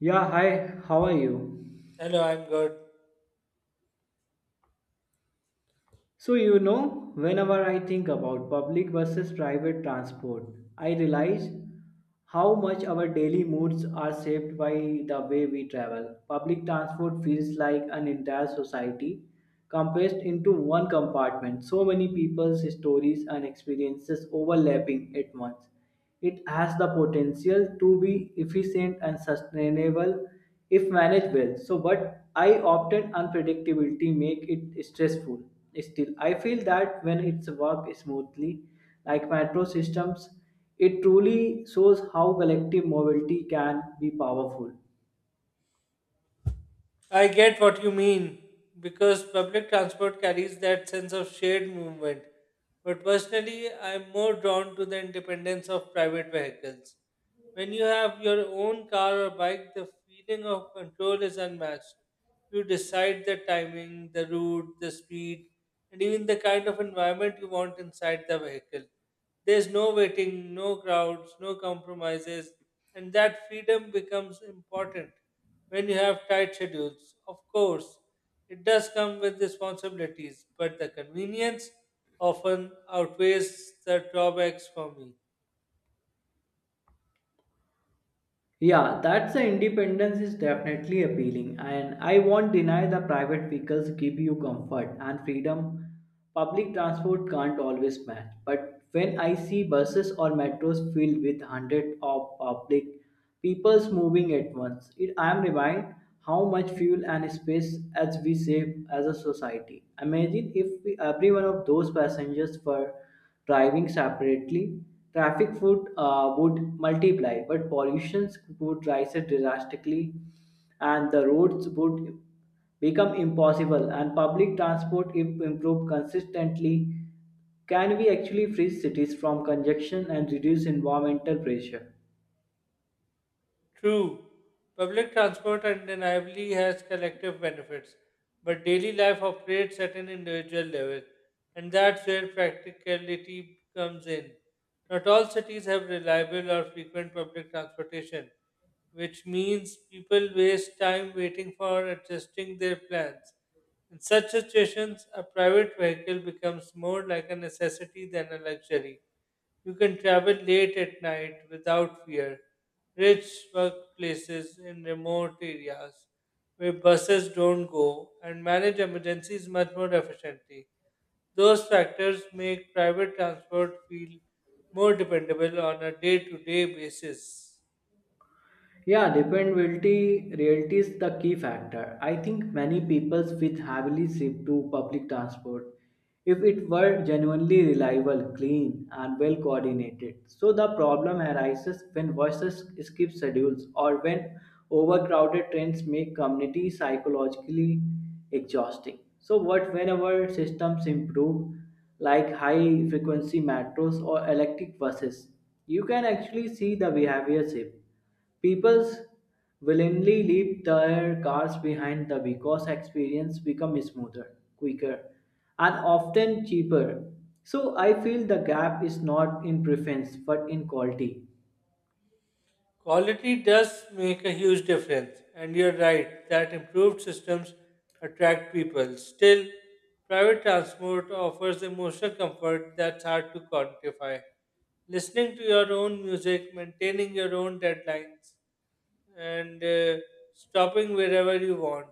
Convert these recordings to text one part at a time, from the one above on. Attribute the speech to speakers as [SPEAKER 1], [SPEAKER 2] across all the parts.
[SPEAKER 1] Yeah, hi, how are you?
[SPEAKER 2] Hello, I'm good.
[SPEAKER 1] Whenever I think about public versus private transport, I realize how much our daily moods are shaped by the way we travel. Public transport feels like an entire society compressed into one compartment, so many people's stories and experiences overlapping at once. It has the potential to be efficient and sustainable if managed well. So, but I often unpredictability make it stressful. Still, I feel that when it's work smoothly, like metro systems, it truly shows how collective mobility can be powerful.
[SPEAKER 2] I get what you mean because public transport carries that sense of shared movement. But personally, I'm more drawn to the independence of private vehicles. When you have your own car or bike, the feeling of control is unmatched. You decide the timing, the route, the speed, and even the kind of environment you want inside the vehicle. There's no waiting, no crowds, no compromises, and that freedom becomes important when you have tight schedules. Of course, it does come with responsibilities, but the convenience often outweighs the drawbacks for me.
[SPEAKER 1] Yeah, that's the independence is definitely appealing, and I won't deny the private vehicles give you comfort and freedom. Public transport can't always match, but when I see buses or metros filled with hundreds of public peoples moving at once, it, I am reminded how much fuel and space as we save as a society. Imagine if we, every one of those passengers were driving separately, traffic would multiply, but pollution would rise drastically, and the roads would become impossible. And public transport, if improved consistently, can we actually free cities from congestion and reduce environmental pressure?
[SPEAKER 2] True, public transport undeniably has collective benefits, but daily life operates at an individual level, and that's where practicality comes in. Not all cities have reliable or frequent public transportation, which means people waste time waiting for adjusting their plans. In such situations, a private vehicle becomes more like a necessity than a luxury. You can travel late at night without fear. Rich workplaces in remote areas where buses don't go and manage emergencies much more efficiently. Those factors make private transport feel more dependable on a day to day basis.
[SPEAKER 1] Yeah, dependability reality is the key factor. I think many people with heavily shift to public transport if it were genuinely reliable, clean, and well coordinated. So the problem arises when buses skip schedules or when overcrowded trains make community psychologically exhausting. So what whenever systems improve like high frequency metros or electric buses, you can actually see the behavior shift. People willingly leave their cars behind the because experience becomes smoother, quicker, and often cheaper. So I feel the gap is not in preference but in quality.
[SPEAKER 2] Quality does make a huge difference, and you're right that improved systems attract people. Still, private transport offers emotional comfort that's hard to quantify. Listening to your own music, maintaining your own deadlines, and stopping wherever you want.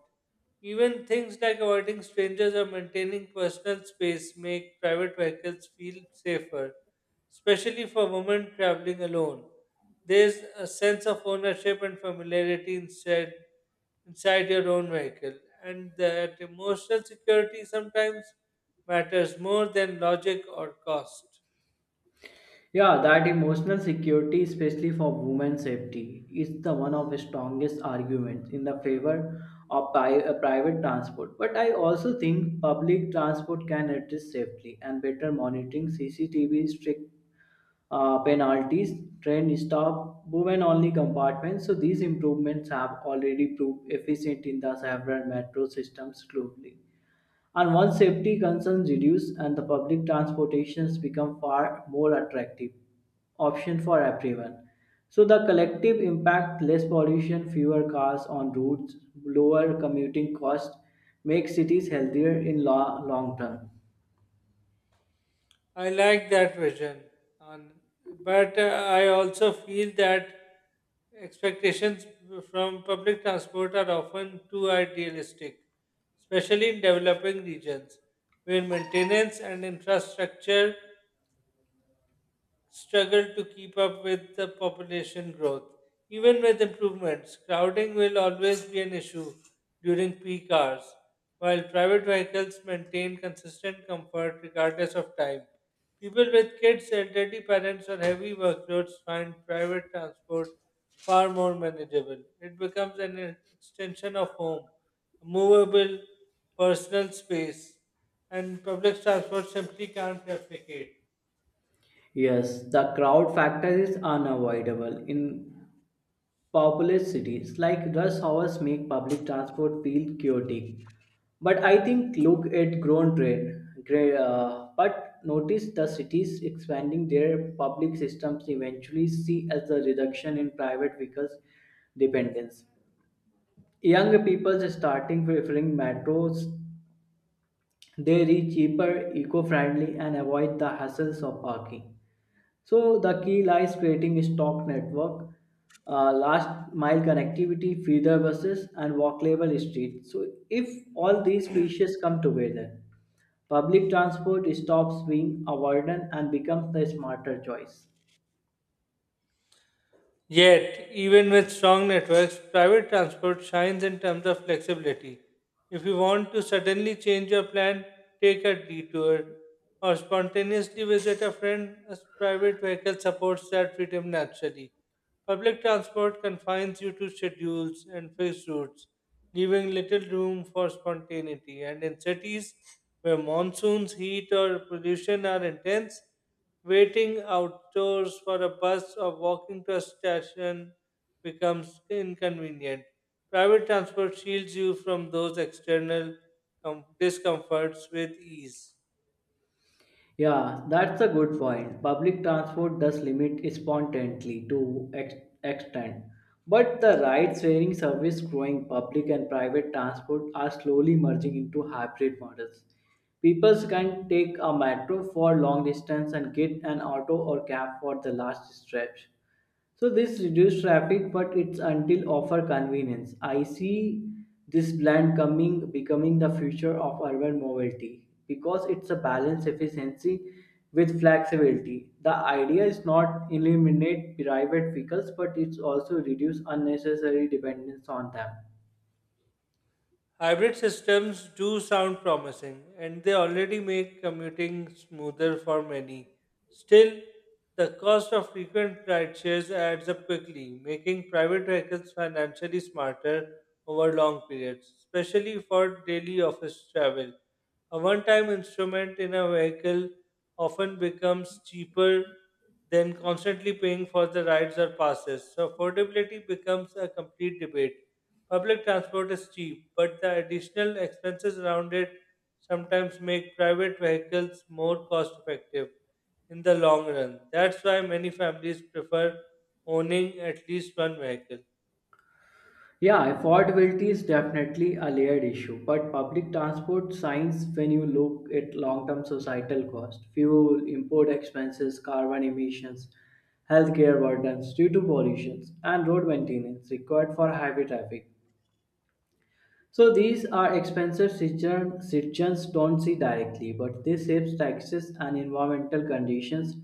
[SPEAKER 2] Even things like avoiding strangers or maintaining personal space make private vehicles feel safer, especially for women traveling alone. There's a sense of ownership and familiarity instead inside your own vehicle, and that emotional security sometimes matters more than logic or cost.
[SPEAKER 1] Yeah, that emotional security, especially for women's safety, is the one of the strongest arguments in the favor of private transport. But I also think public transport can address safely and better monitoring CCTV, strict penalties, train stop, women only compartments. So these improvements have already proved efficient in the several metro systems globally. And once safety concerns reduce and the public transportations become far more attractive option for everyone. So the collective impact less pollution, fewer cars on roads, lower commuting costs make cities healthier in long term.
[SPEAKER 2] I like that vision, on, but I also feel that expectations from public transport are often too idealistic, especially in developing regions where maintenance and infrastructure struggle to keep up with the population growth. Even with improvements, crowding will always be an issue during peak hours, while private vehicles maintain consistent comfort regardless of time. People with kids, elderly parents, or heavy workloads find private transport far more manageable. It becomes an extension of home, a movable personal space, and public transport simply can't replicate.
[SPEAKER 1] Yes, the crowd factor is unavoidable in populous cities like rush hours make public transport feel chaotic, but I think look at grown train but notice the cities expanding their public systems eventually see as a reduction in private vehicles dependence. Young people starting preferring metros. They reach cheaper, eco-friendly, and avoid the hassles of parking. So the key lies creating a stock network, last mile connectivity, feeder buses, and walkable streets. So if all these pieces come together, public transport stops being a burden and becomes the smarter choice.
[SPEAKER 2] Yet, even with strong networks, private transport shines in terms of flexibility. If you want to suddenly change your plan, take a detour, or spontaneously visit a friend, a private vehicle supports that freedom naturally. Public transport confines you to schedules and fixed routes, leaving little room for spontaneity. And in cities where monsoons, heat, or pollution are intense, waiting outdoors for a bus or walking to a station becomes inconvenient. Private transport shields you from those external discomforts with ease.
[SPEAKER 1] Yeah, that's a good point. Public transport does limit spontaneously to extent. But the ride sharing service growing public and private transport are slowly merging into hybrid models. People can take a metro for long distance and get an auto or cab for the last stretch. So this reduced traffic, but it's until offer convenience. I see this blend coming becoming the future of urban mobility because it's a balance efficiency with flexibility. The idea is not eliminate private vehicles, but it's also reduce unnecessary dependence on them.
[SPEAKER 2] Hybrid systems do sound promising, and they already make commuting smoother for many. Still, the cost of frequent rideshares adds up quickly, making private vehicles financially smarter over long periods, especially for daily office travel. A one time instrument in a vehicle often becomes cheaper than constantly paying for the rides or passes, so affordability becomes a complete debate. Public transport is cheap, but the additional expenses around it sometimes make private vehicles more cost effective in the long run. That's why many families prefer owning at least one vehicle.
[SPEAKER 1] Yeah, affordability is definitely a layered issue, but public transport signs when you look at long-term societal cost, fuel, import expenses, carbon emissions, healthcare burdens due to pollution, and road maintenance required for highway traffic. So these are expensive citizens don't see directly, but this saves taxes and environmental conditions.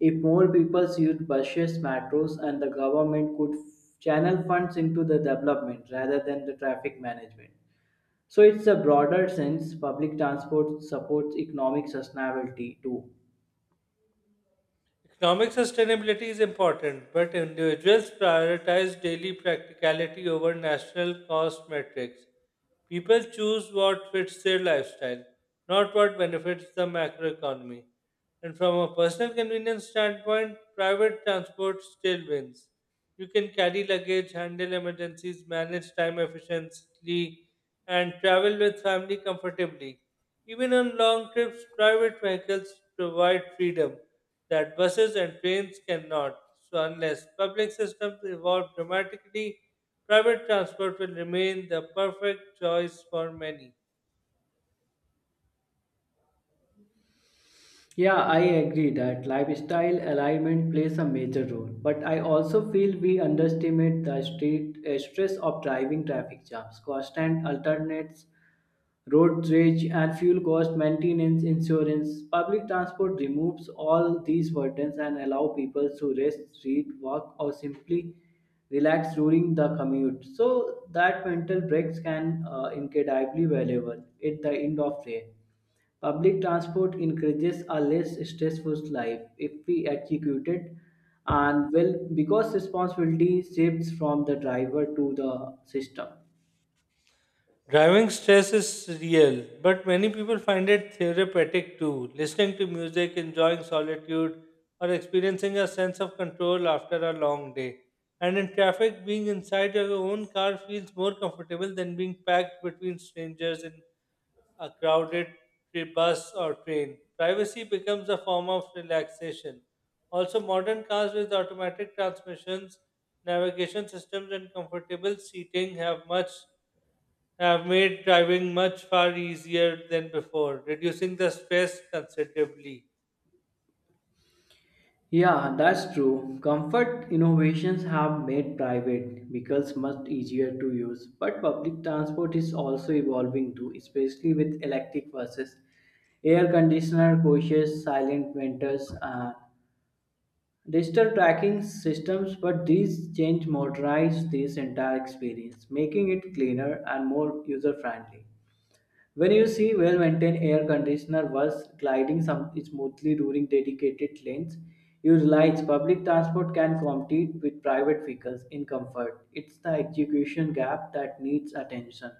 [SPEAKER 1] If more people used buses, metros, and the government could channel funds into the development rather than the traffic management. So it's a broader sense. Public transport supports economic sustainability too.
[SPEAKER 2] Economic sustainability is important, but individuals prioritize daily practicality over national cost metrics. People choose what fits their lifestyle, not what benefits the macroeconomy. And from a personal convenience standpoint, private transport still wins. You can carry luggage, handle emergencies, manage time efficiently, and travel with family comfortably. Even on long trips, private vehicles provide freedom that buses and trains cannot. So, unless public systems evolve dramatically, private transport will remain the perfect choice for many.
[SPEAKER 1] Yeah, I agree that lifestyle alignment plays a major role, but I also feel we underestimate the street stress of driving, traffic jams, constant alternates, road rage and fuel cost maintenance insurance. Public transport removes all these burdens and allow people to rest, read, walk or simply relax during the commute, so that mental breaks can incredibly valuable at the end of day. Public transport encourages a less stressful life if we execute it and well because responsibility shifts from the driver to the system.
[SPEAKER 2] Driving stress is real, but many people find it therapeutic too. Listening to music, enjoying solitude, or experiencing a sense of control after a long day. And in traffic, being inside your own car feels more comfortable than being packed between strangers in a crowded bus or train. Privacy becomes a form of relaxation. Also, modern cars with automatic transmissions, navigation systems, and comfortable seating have much have made driving much far easier than before, reducing the stress considerably.
[SPEAKER 1] Yeah, that's true. Comfort innovations have made private vehicles much easier to use, but public transport is also evolving too, especially with electric buses, air conditioner coaches, silent winters, and digital tracking systems. But these change motorize this entire experience, making it cleaner and more user friendly. When you see well-maintained air conditioner was gliding some smoothly during dedicated lanes, you realize public transport can compete with private vehicles in comfort. It's the execution gap that needs attention.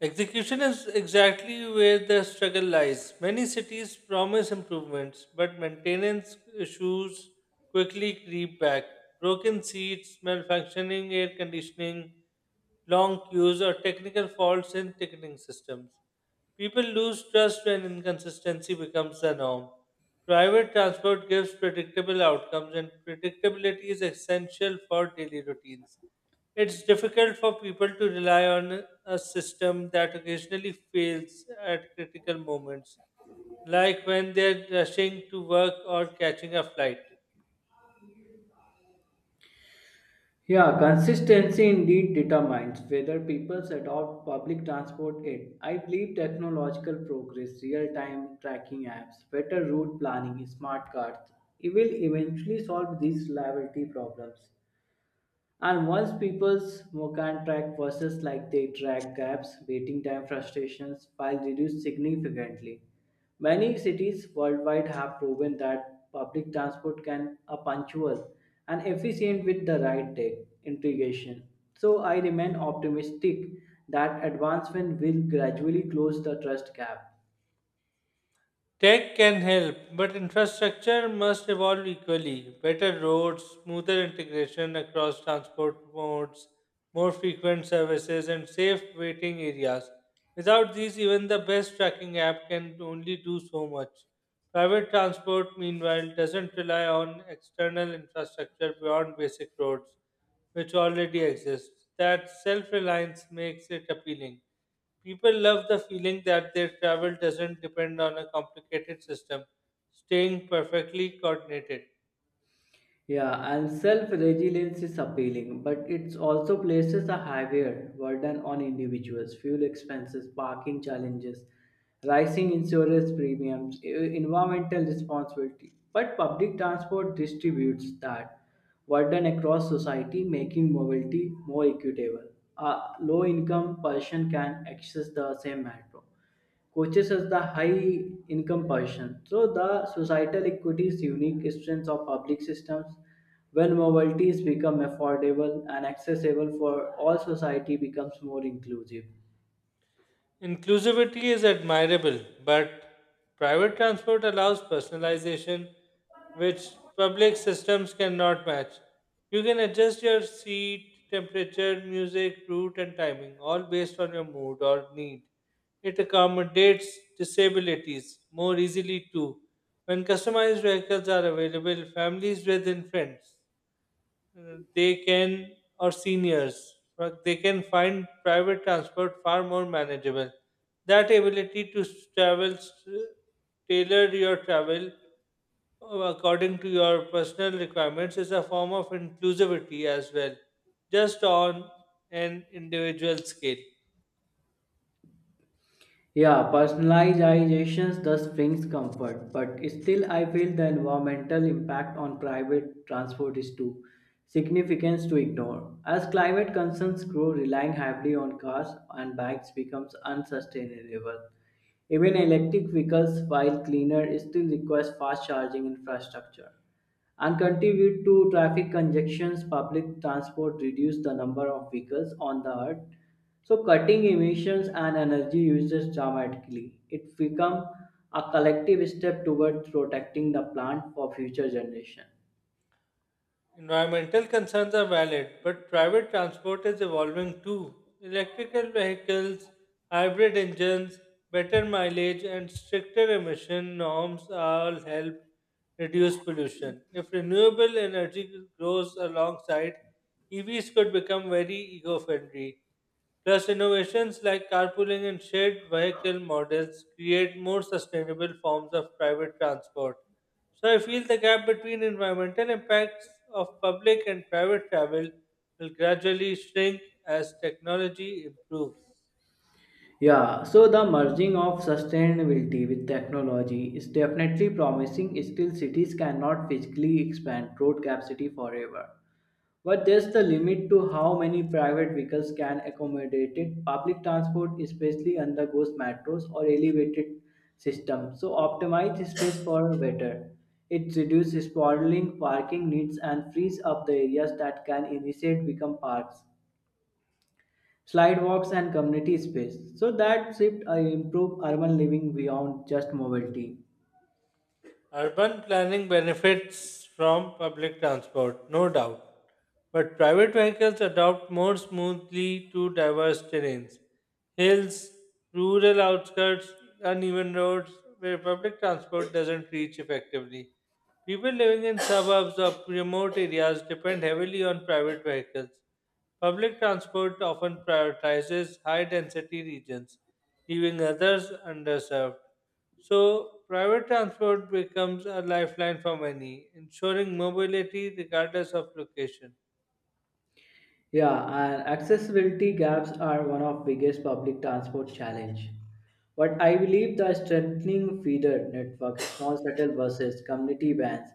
[SPEAKER 2] Execution is exactly where the struggle lies. Many cities promise improvements, but maintenance issues quickly creep back. Broken seats, malfunctioning air conditioning, long queues, or technical faults in ticketing systems. People lose trust when inconsistency becomes the norm. Private transport gives predictable outcomes, and predictability is essential for daily routines. It's difficult for people to rely on a system that occasionally fails at critical moments, like when they're rushing to work or catching a flight.
[SPEAKER 1] Yeah, consistency indeed determines whether people adopt public transport aid. I believe technological progress, real-time tracking apps, better route planning, smart cards, it will eventually solve these liability problems. And once people's can track versus like they track gaps, waiting time frustrations while reduced significantly. Many cities worldwide have proven that public transport can are punctual and efficient with the right tech integration. So I remain optimistic that advancement will gradually close the trust gap.
[SPEAKER 2] Tech can help, but infrastructure must evolve equally. Better roads, smoother integration across transport modes, more frequent services, and safe waiting areas. Without these, even the best tracking app can only do so much. Private transport, meanwhile, doesn't rely on external infrastructure beyond basic roads, which already exists. That self reliance makes it appealing. People love the feeling that their travel doesn't depend on a complicated system, staying perfectly coordinated.
[SPEAKER 1] Yeah, and self resilience is appealing, but it also places a heavier burden on individuals. Fuel expenses, parking challenges, rising insurance premiums, environmental responsibility. But public transport distributes that burden across society, making mobility more equitable. A low income person can access the same metro coaches as the high income position. So the societal equities unique strengths of public systems when mobilities become affordable and accessible for all society becomes more inclusive.
[SPEAKER 2] Inclusivity is admirable, but private transport allows personalization, which public systems cannot match. You can adjust your seat, temperature, music, route, and timing, all based on your mood or need. It accommodates disabilities more easily, too. When customized vehicles are available, families with and friends they can or seniors but they can find private transport far more manageable, that ability to tailor your travel according to your personal requirements is a form of inclusivity as well, just on an individual scale.
[SPEAKER 1] Yeah, personalization thus brings comfort, but still I feel the environmental impact on private transport is too significant to ignore. As climate concerns grow, relying heavily on cars and bikes becomes unsustainable. Even electric vehicles, while cleaner, still requires fast charging infrastructure and contribute to traffic congestions. Public transport reduce the number of vehicles on the earth, so cutting emissions and energy uses dramatically. It become a collective step towards protecting the planet for future generations.
[SPEAKER 2] Environmental concerns are valid, but private transport is evolving too. Electrical vehicles, hybrid engines, better mileage, and stricter emission norms all help reduce pollution. If renewable energy grows alongside, EVs could become very eco friendly. Plus, innovations like carpooling and shared vehicle models create more sustainable forms of private transport. So I feel the gap between environmental impacts of public and private travel will gradually shrink as technology improves.
[SPEAKER 1] Yeah, so the merging of sustainability with technology is definitely promising. Still, cities cannot physically expand road capacity forever. But there's the limit to how many private vehicles can accommodate it. Public transport, especially undergoes metros or elevated system, so optimize space for better. It reduces sprawling parking needs and frees up the areas that can initiate become parks, slidewalks, and community space. So that shift improve urban living beyond just mobility.
[SPEAKER 2] Urban planning benefits from public transport, no doubt, but private vehicles adapt more smoothly to diverse terrains, hills, rural outskirts, uneven roads where public transport doesn't reach effectively. People living in suburbs or remote areas depend heavily on private vehicles. Public transport often prioritizes high density regions, leaving others underserved. So, private transport becomes a lifeline for many, ensuring mobility regardless of location.
[SPEAKER 1] Yeah, and accessibility gaps are one of biggest public transport challenge. But I believe the strengthening feeder network, small shuttle buses, community vans,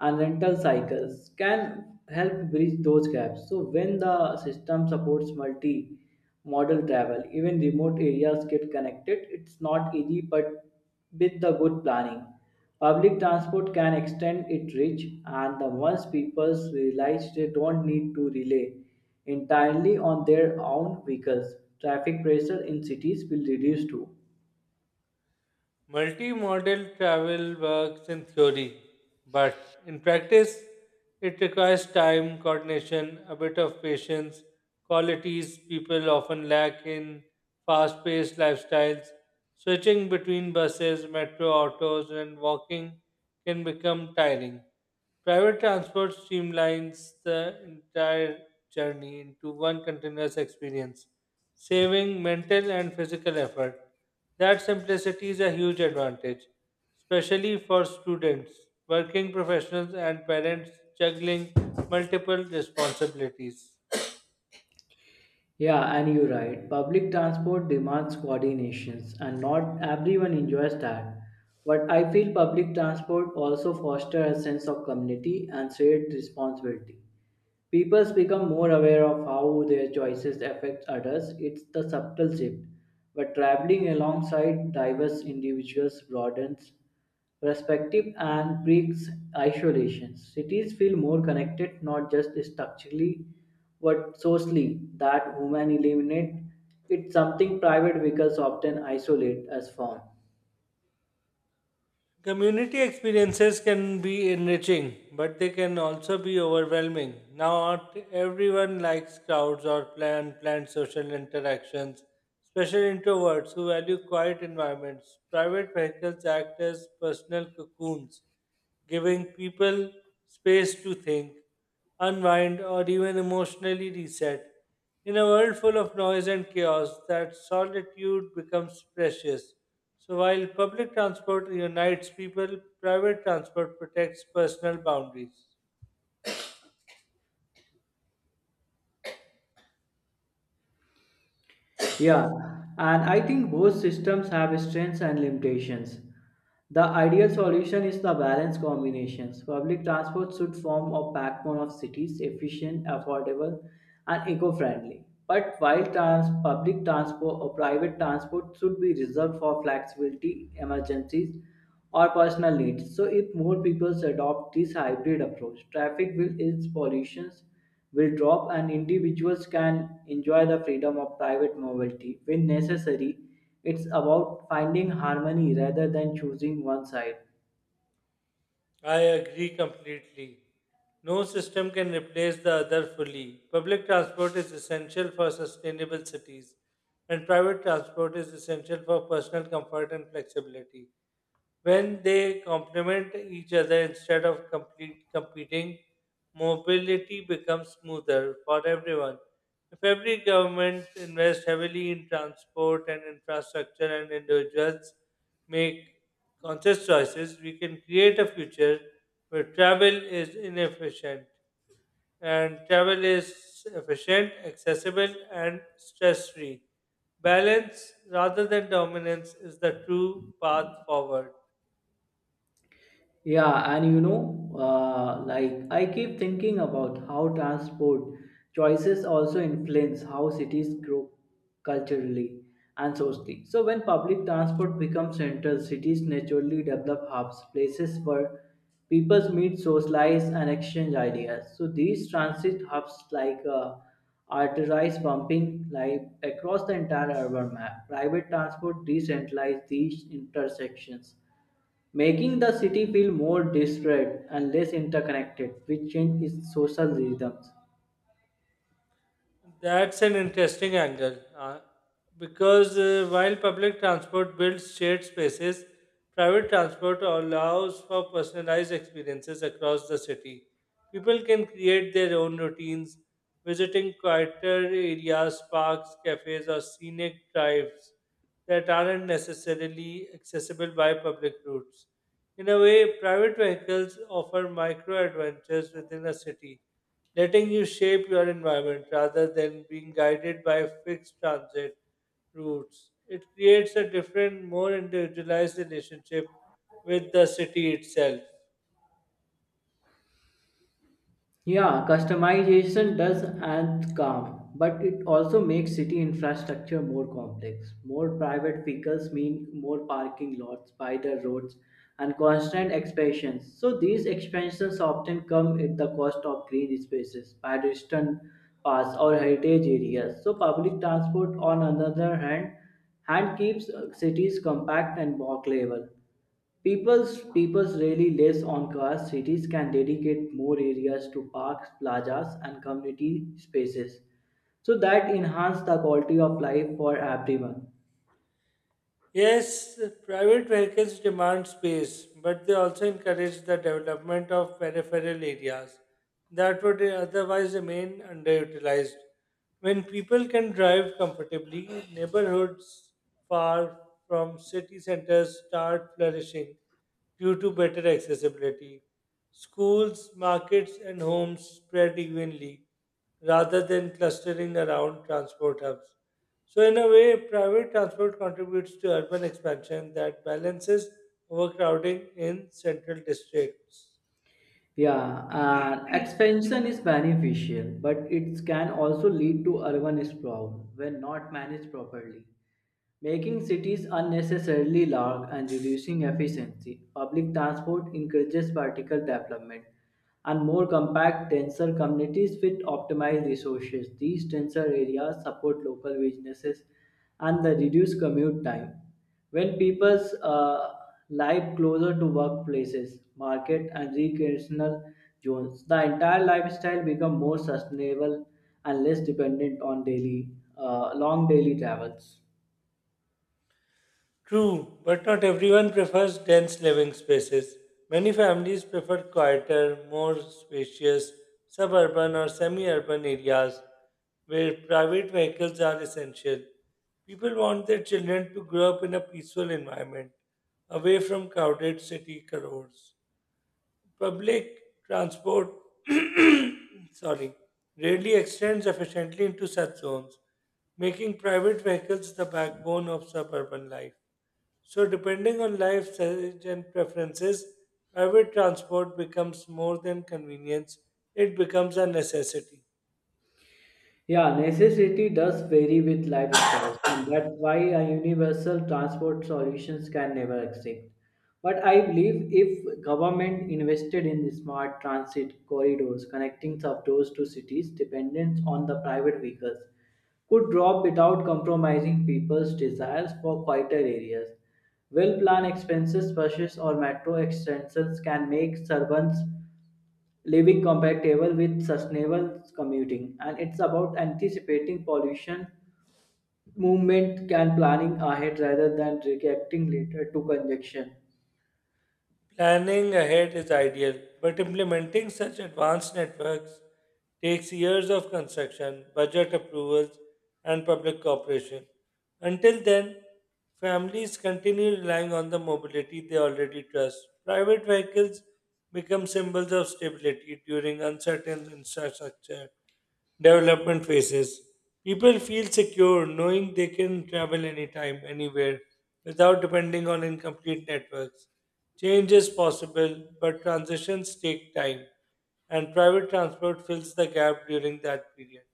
[SPEAKER 1] and rental cycles can help bridge those gaps. So when the system supports multi-modal travel, even remote areas get connected. It's not easy, but with the good planning, public transport can extend its reach. And the once people realize they don't need to relay entirely on their own vehicles, traffic pressure in cities will reduce too.
[SPEAKER 2] Multi-modal travel works in theory, but in practice, it requires time, coordination, a bit of patience, qualities people often lack in fast paced lifestyles. Switching between buses, metro, autos, and walking can become tiring. Private transport streamlines the entire journey into one continuous experience, saving mental and physical effort. That simplicity is a huge advantage, especially for students, working professionals, and parents juggling multiple responsibilities.
[SPEAKER 1] Yeah, and you're right. Public transport demands coordinations, and not everyone enjoys that. But I feel public transport also fosters a sense of community and shared responsibility. People become more aware of how their choices affect others. It's the subtle shift. But traveling alongside diverse individuals broadens perspective and breaks isolation. Cities feel more connected, not just structurally, but socially. That human eliminate it's something private vehicles often isolate us from.
[SPEAKER 2] Community experiences can be enriching, but they can also be overwhelming. Not everyone likes crowds or planned social interactions, especially introverts who value quiet environments. Private vehicles act as personal cocoons, giving people space to think, unwind, or even emotionally reset. In a world full of noise and chaos, that solitude becomes precious. So while public transport unites people, private transport protects personal boundaries.
[SPEAKER 1] Yeah, and I think both systems have strengths and limitations. The ideal solution is the balanced combinations. Public transport should form a backbone of cities, efficient, affordable, and eco-friendly. But while public transport or private transport should be reserved for flexibility, emergencies, or personal needs. So if more people adopt this hybrid approach, traffic will ease, pollutions will drop, and individuals can enjoy the freedom of private mobility when necessary. It's about finding harmony rather than choosing one side.
[SPEAKER 2] I agree completely. No system can replace the other fully. Public transport is essential for sustainable cities, and private transport is essential for personal comfort and flexibility. When they complement each other instead of complete competing, mobility becomes smoother for everyone. If every government invests heavily in transport and infrastructure and individuals make conscious choices, we can create a future where travel is inefficient and travel is efficient, accessible, and stress free. Balance rather than dominance is the true path forward.
[SPEAKER 1] Yeah, and you know, like I keep thinking about how transport choices also influence how cities grow culturally and socially. So, when public transport becomes central, cities naturally develop hubs, places where people meet, socialize, and exchange ideas. So, these transit hubs, like arterized pumping, like across the entire urban map, private transport decentralize these intersections making the city feel more disparate and less interconnected, which changed its social rhythms.
[SPEAKER 2] That's an interesting angle because while public transport builds shared spaces, private transport allows for personalized experiences across the city. People can create their own routines, visiting quieter areas, parks, cafes, or scenic drives that aren't necessarily accessible by public routes. In a way, private vehicles offer micro adventures within a city, letting you shape your environment rather than being guided by fixed transit routes. It creates a different, more individualized relationship with the city itself.
[SPEAKER 1] Yeah, customization does add calm, but it also makes city infrastructure more complex. More private vehicles mean more parking lots by the roads and constant expansions. So these expansions often come at the cost of green spaces, pedestrian paths or heritage areas. So public transport on another hand keeps cities compact and walkable. People's peoples rely less on cars. Cities can dedicate more areas to parks, plazas, and community spaces, so that enhance the quality of life for everyone.
[SPEAKER 2] Yes, private vehicles demand space, but they also encourage the development of peripheral areas that would otherwise remain underutilized. When people can drive comfortably, neighborhoods far from city centers start flourishing due to better accessibility. Schools, markets, and homes spread evenly rather than clustering around transport hubs. So, in a way, private transport contributes to urban expansion that balances overcrowding in central districts.
[SPEAKER 1] Yeah, and expansion is beneficial, but it can also lead to urban sprawl when not managed properly, making cities unnecessarily large and reducing efficiency. Public transport encourages vertical development, and more compact tensor communities with optimized resources. These tensor areas support local businesses and the reduced commute time. When people's live closer to workplaces, market and recreational zones, the entire lifestyle become more sustainable and less dependent on daily, long daily travels.
[SPEAKER 2] True, but not everyone prefers dense living spaces. Many families prefer quieter, more spacious suburban or semi urban areas where private vehicles are essential. People want their children to grow up in a peaceful environment, away from crowded city crowds. Public transport, sorry, rarely extends efficiently into such zones, making private vehicles the backbone of suburban life. So, depending on life stage and preferences, private transport becomes more than convenience, it becomes a necessity.
[SPEAKER 1] Yeah, necessity does vary with lifestyles, and that's why a universal transport solutions can never exist. But I believe if government invested in the smart transit corridors connecting suburbs to cities, dependence on the private vehicles could drop without compromising people's desires for quieter areas. Well-planned expenses, buses, or metro extensions can make suburbs living compatible with sustainable commuting, and it's about anticipating pollution movement can planning ahead rather than reacting later to congestion.
[SPEAKER 2] Planning ahead is ideal, but implementing such advanced networks takes years of construction, budget approvals, and public cooperation. Until then, families continue relying on the mobility they already trust. Private vehicles become symbols of stability during uncertain infrastructure development phases. People feel secure knowing they can travel anytime, anywhere, without depending on incomplete networks. Change is possible, but transitions take time, and private transport fills the gap during that period.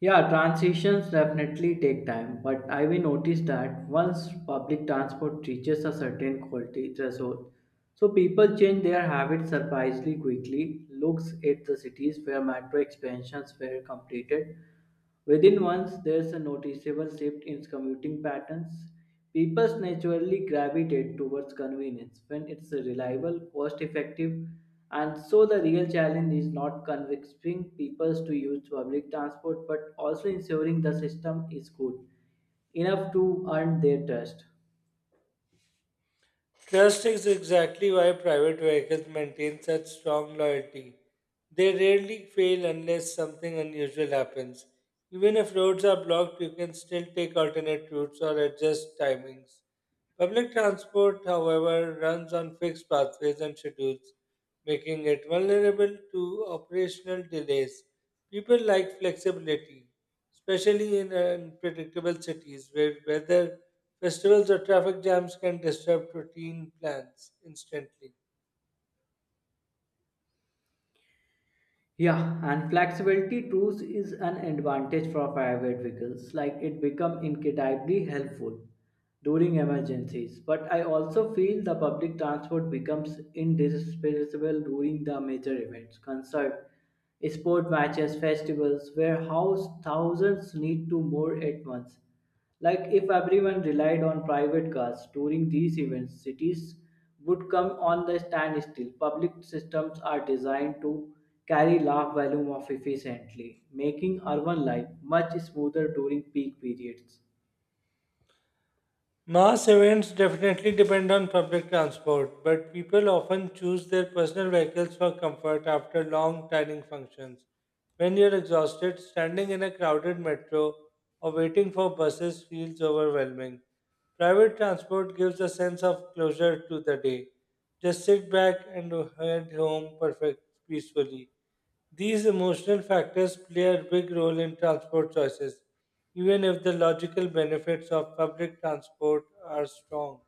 [SPEAKER 1] Yeah, transitions definitely take time, but I will notice that once public transport reaches a certain quality threshold, so people change their habits surprisingly quickly. Looks at the cities where metro expansions were completed. Within months, there's a noticeable shift in commuting patterns. People naturally gravitate towards convenience when it's reliable, cost effective, and so the real challenge is not convincing people to use public transport but also ensuring the system is good enough to earn their trust.
[SPEAKER 2] Trust is exactly why private vehicles maintain such strong loyalty. They rarely fail unless something unusual happens. Even if roads are blocked, you can still take alternate routes or adjust timings. Public transport, however, runs on fixed pathways and schedules, making it vulnerable to operational delays. People like flexibility, especially in unpredictable cities where weather, festivals, or traffic jams can disrupt routine plans instantly.
[SPEAKER 1] Yeah, and flexibility tools is an advantage for private vehicles. Like it become incredibly helpful during emergencies. But I also feel the public transport becomes indispensable during the major events, concert, sport matches, festivals, where house thousands need to more at once. Like if everyone relied on private cars during these events, cities would come on the standstill. Public systems are designed to carry large volume of efficiently, making urban life much smoother during peak periods.
[SPEAKER 2] Mass events definitely depend on public transport, but people often choose their personal vehicles for comfort after long tiring functions. When you're exhausted, standing in a crowded metro or waiting for buses feels overwhelming. Private transport gives a sense of closure to the day. Just sit back and head home perfect peacefully. These emotional factors play a big role in transport choices, even if the logical benefits of public transport are strong.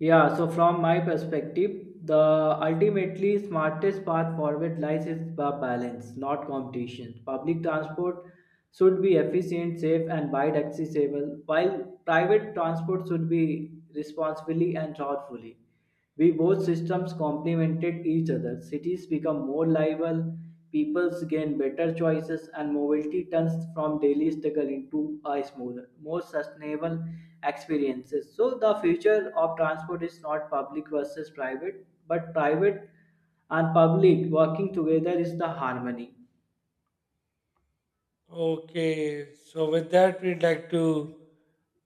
[SPEAKER 1] Yeah, so from my perspective, the ultimately smartest path forward lies in balance, not competition. Public transport should be efficient, safe, and wide accessible, while private transport should be responsibly and thoughtfully. We both systems complemented each other. Cities become more livable, peoples gain better choices, and mobility turns from daily struggle into a smoother, more sustainable experiences. So the future of transport is not public versus private, but private and public working together is the harmony.
[SPEAKER 2] Okay, so with that, we'd like to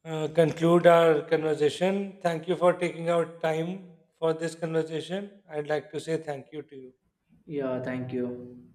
[SPEAKER 2] conclude our conversation. Thank you for taking out time for this conversation. I'd like to say thank you to you.
[SPEAKER 1] Yeah, thank you.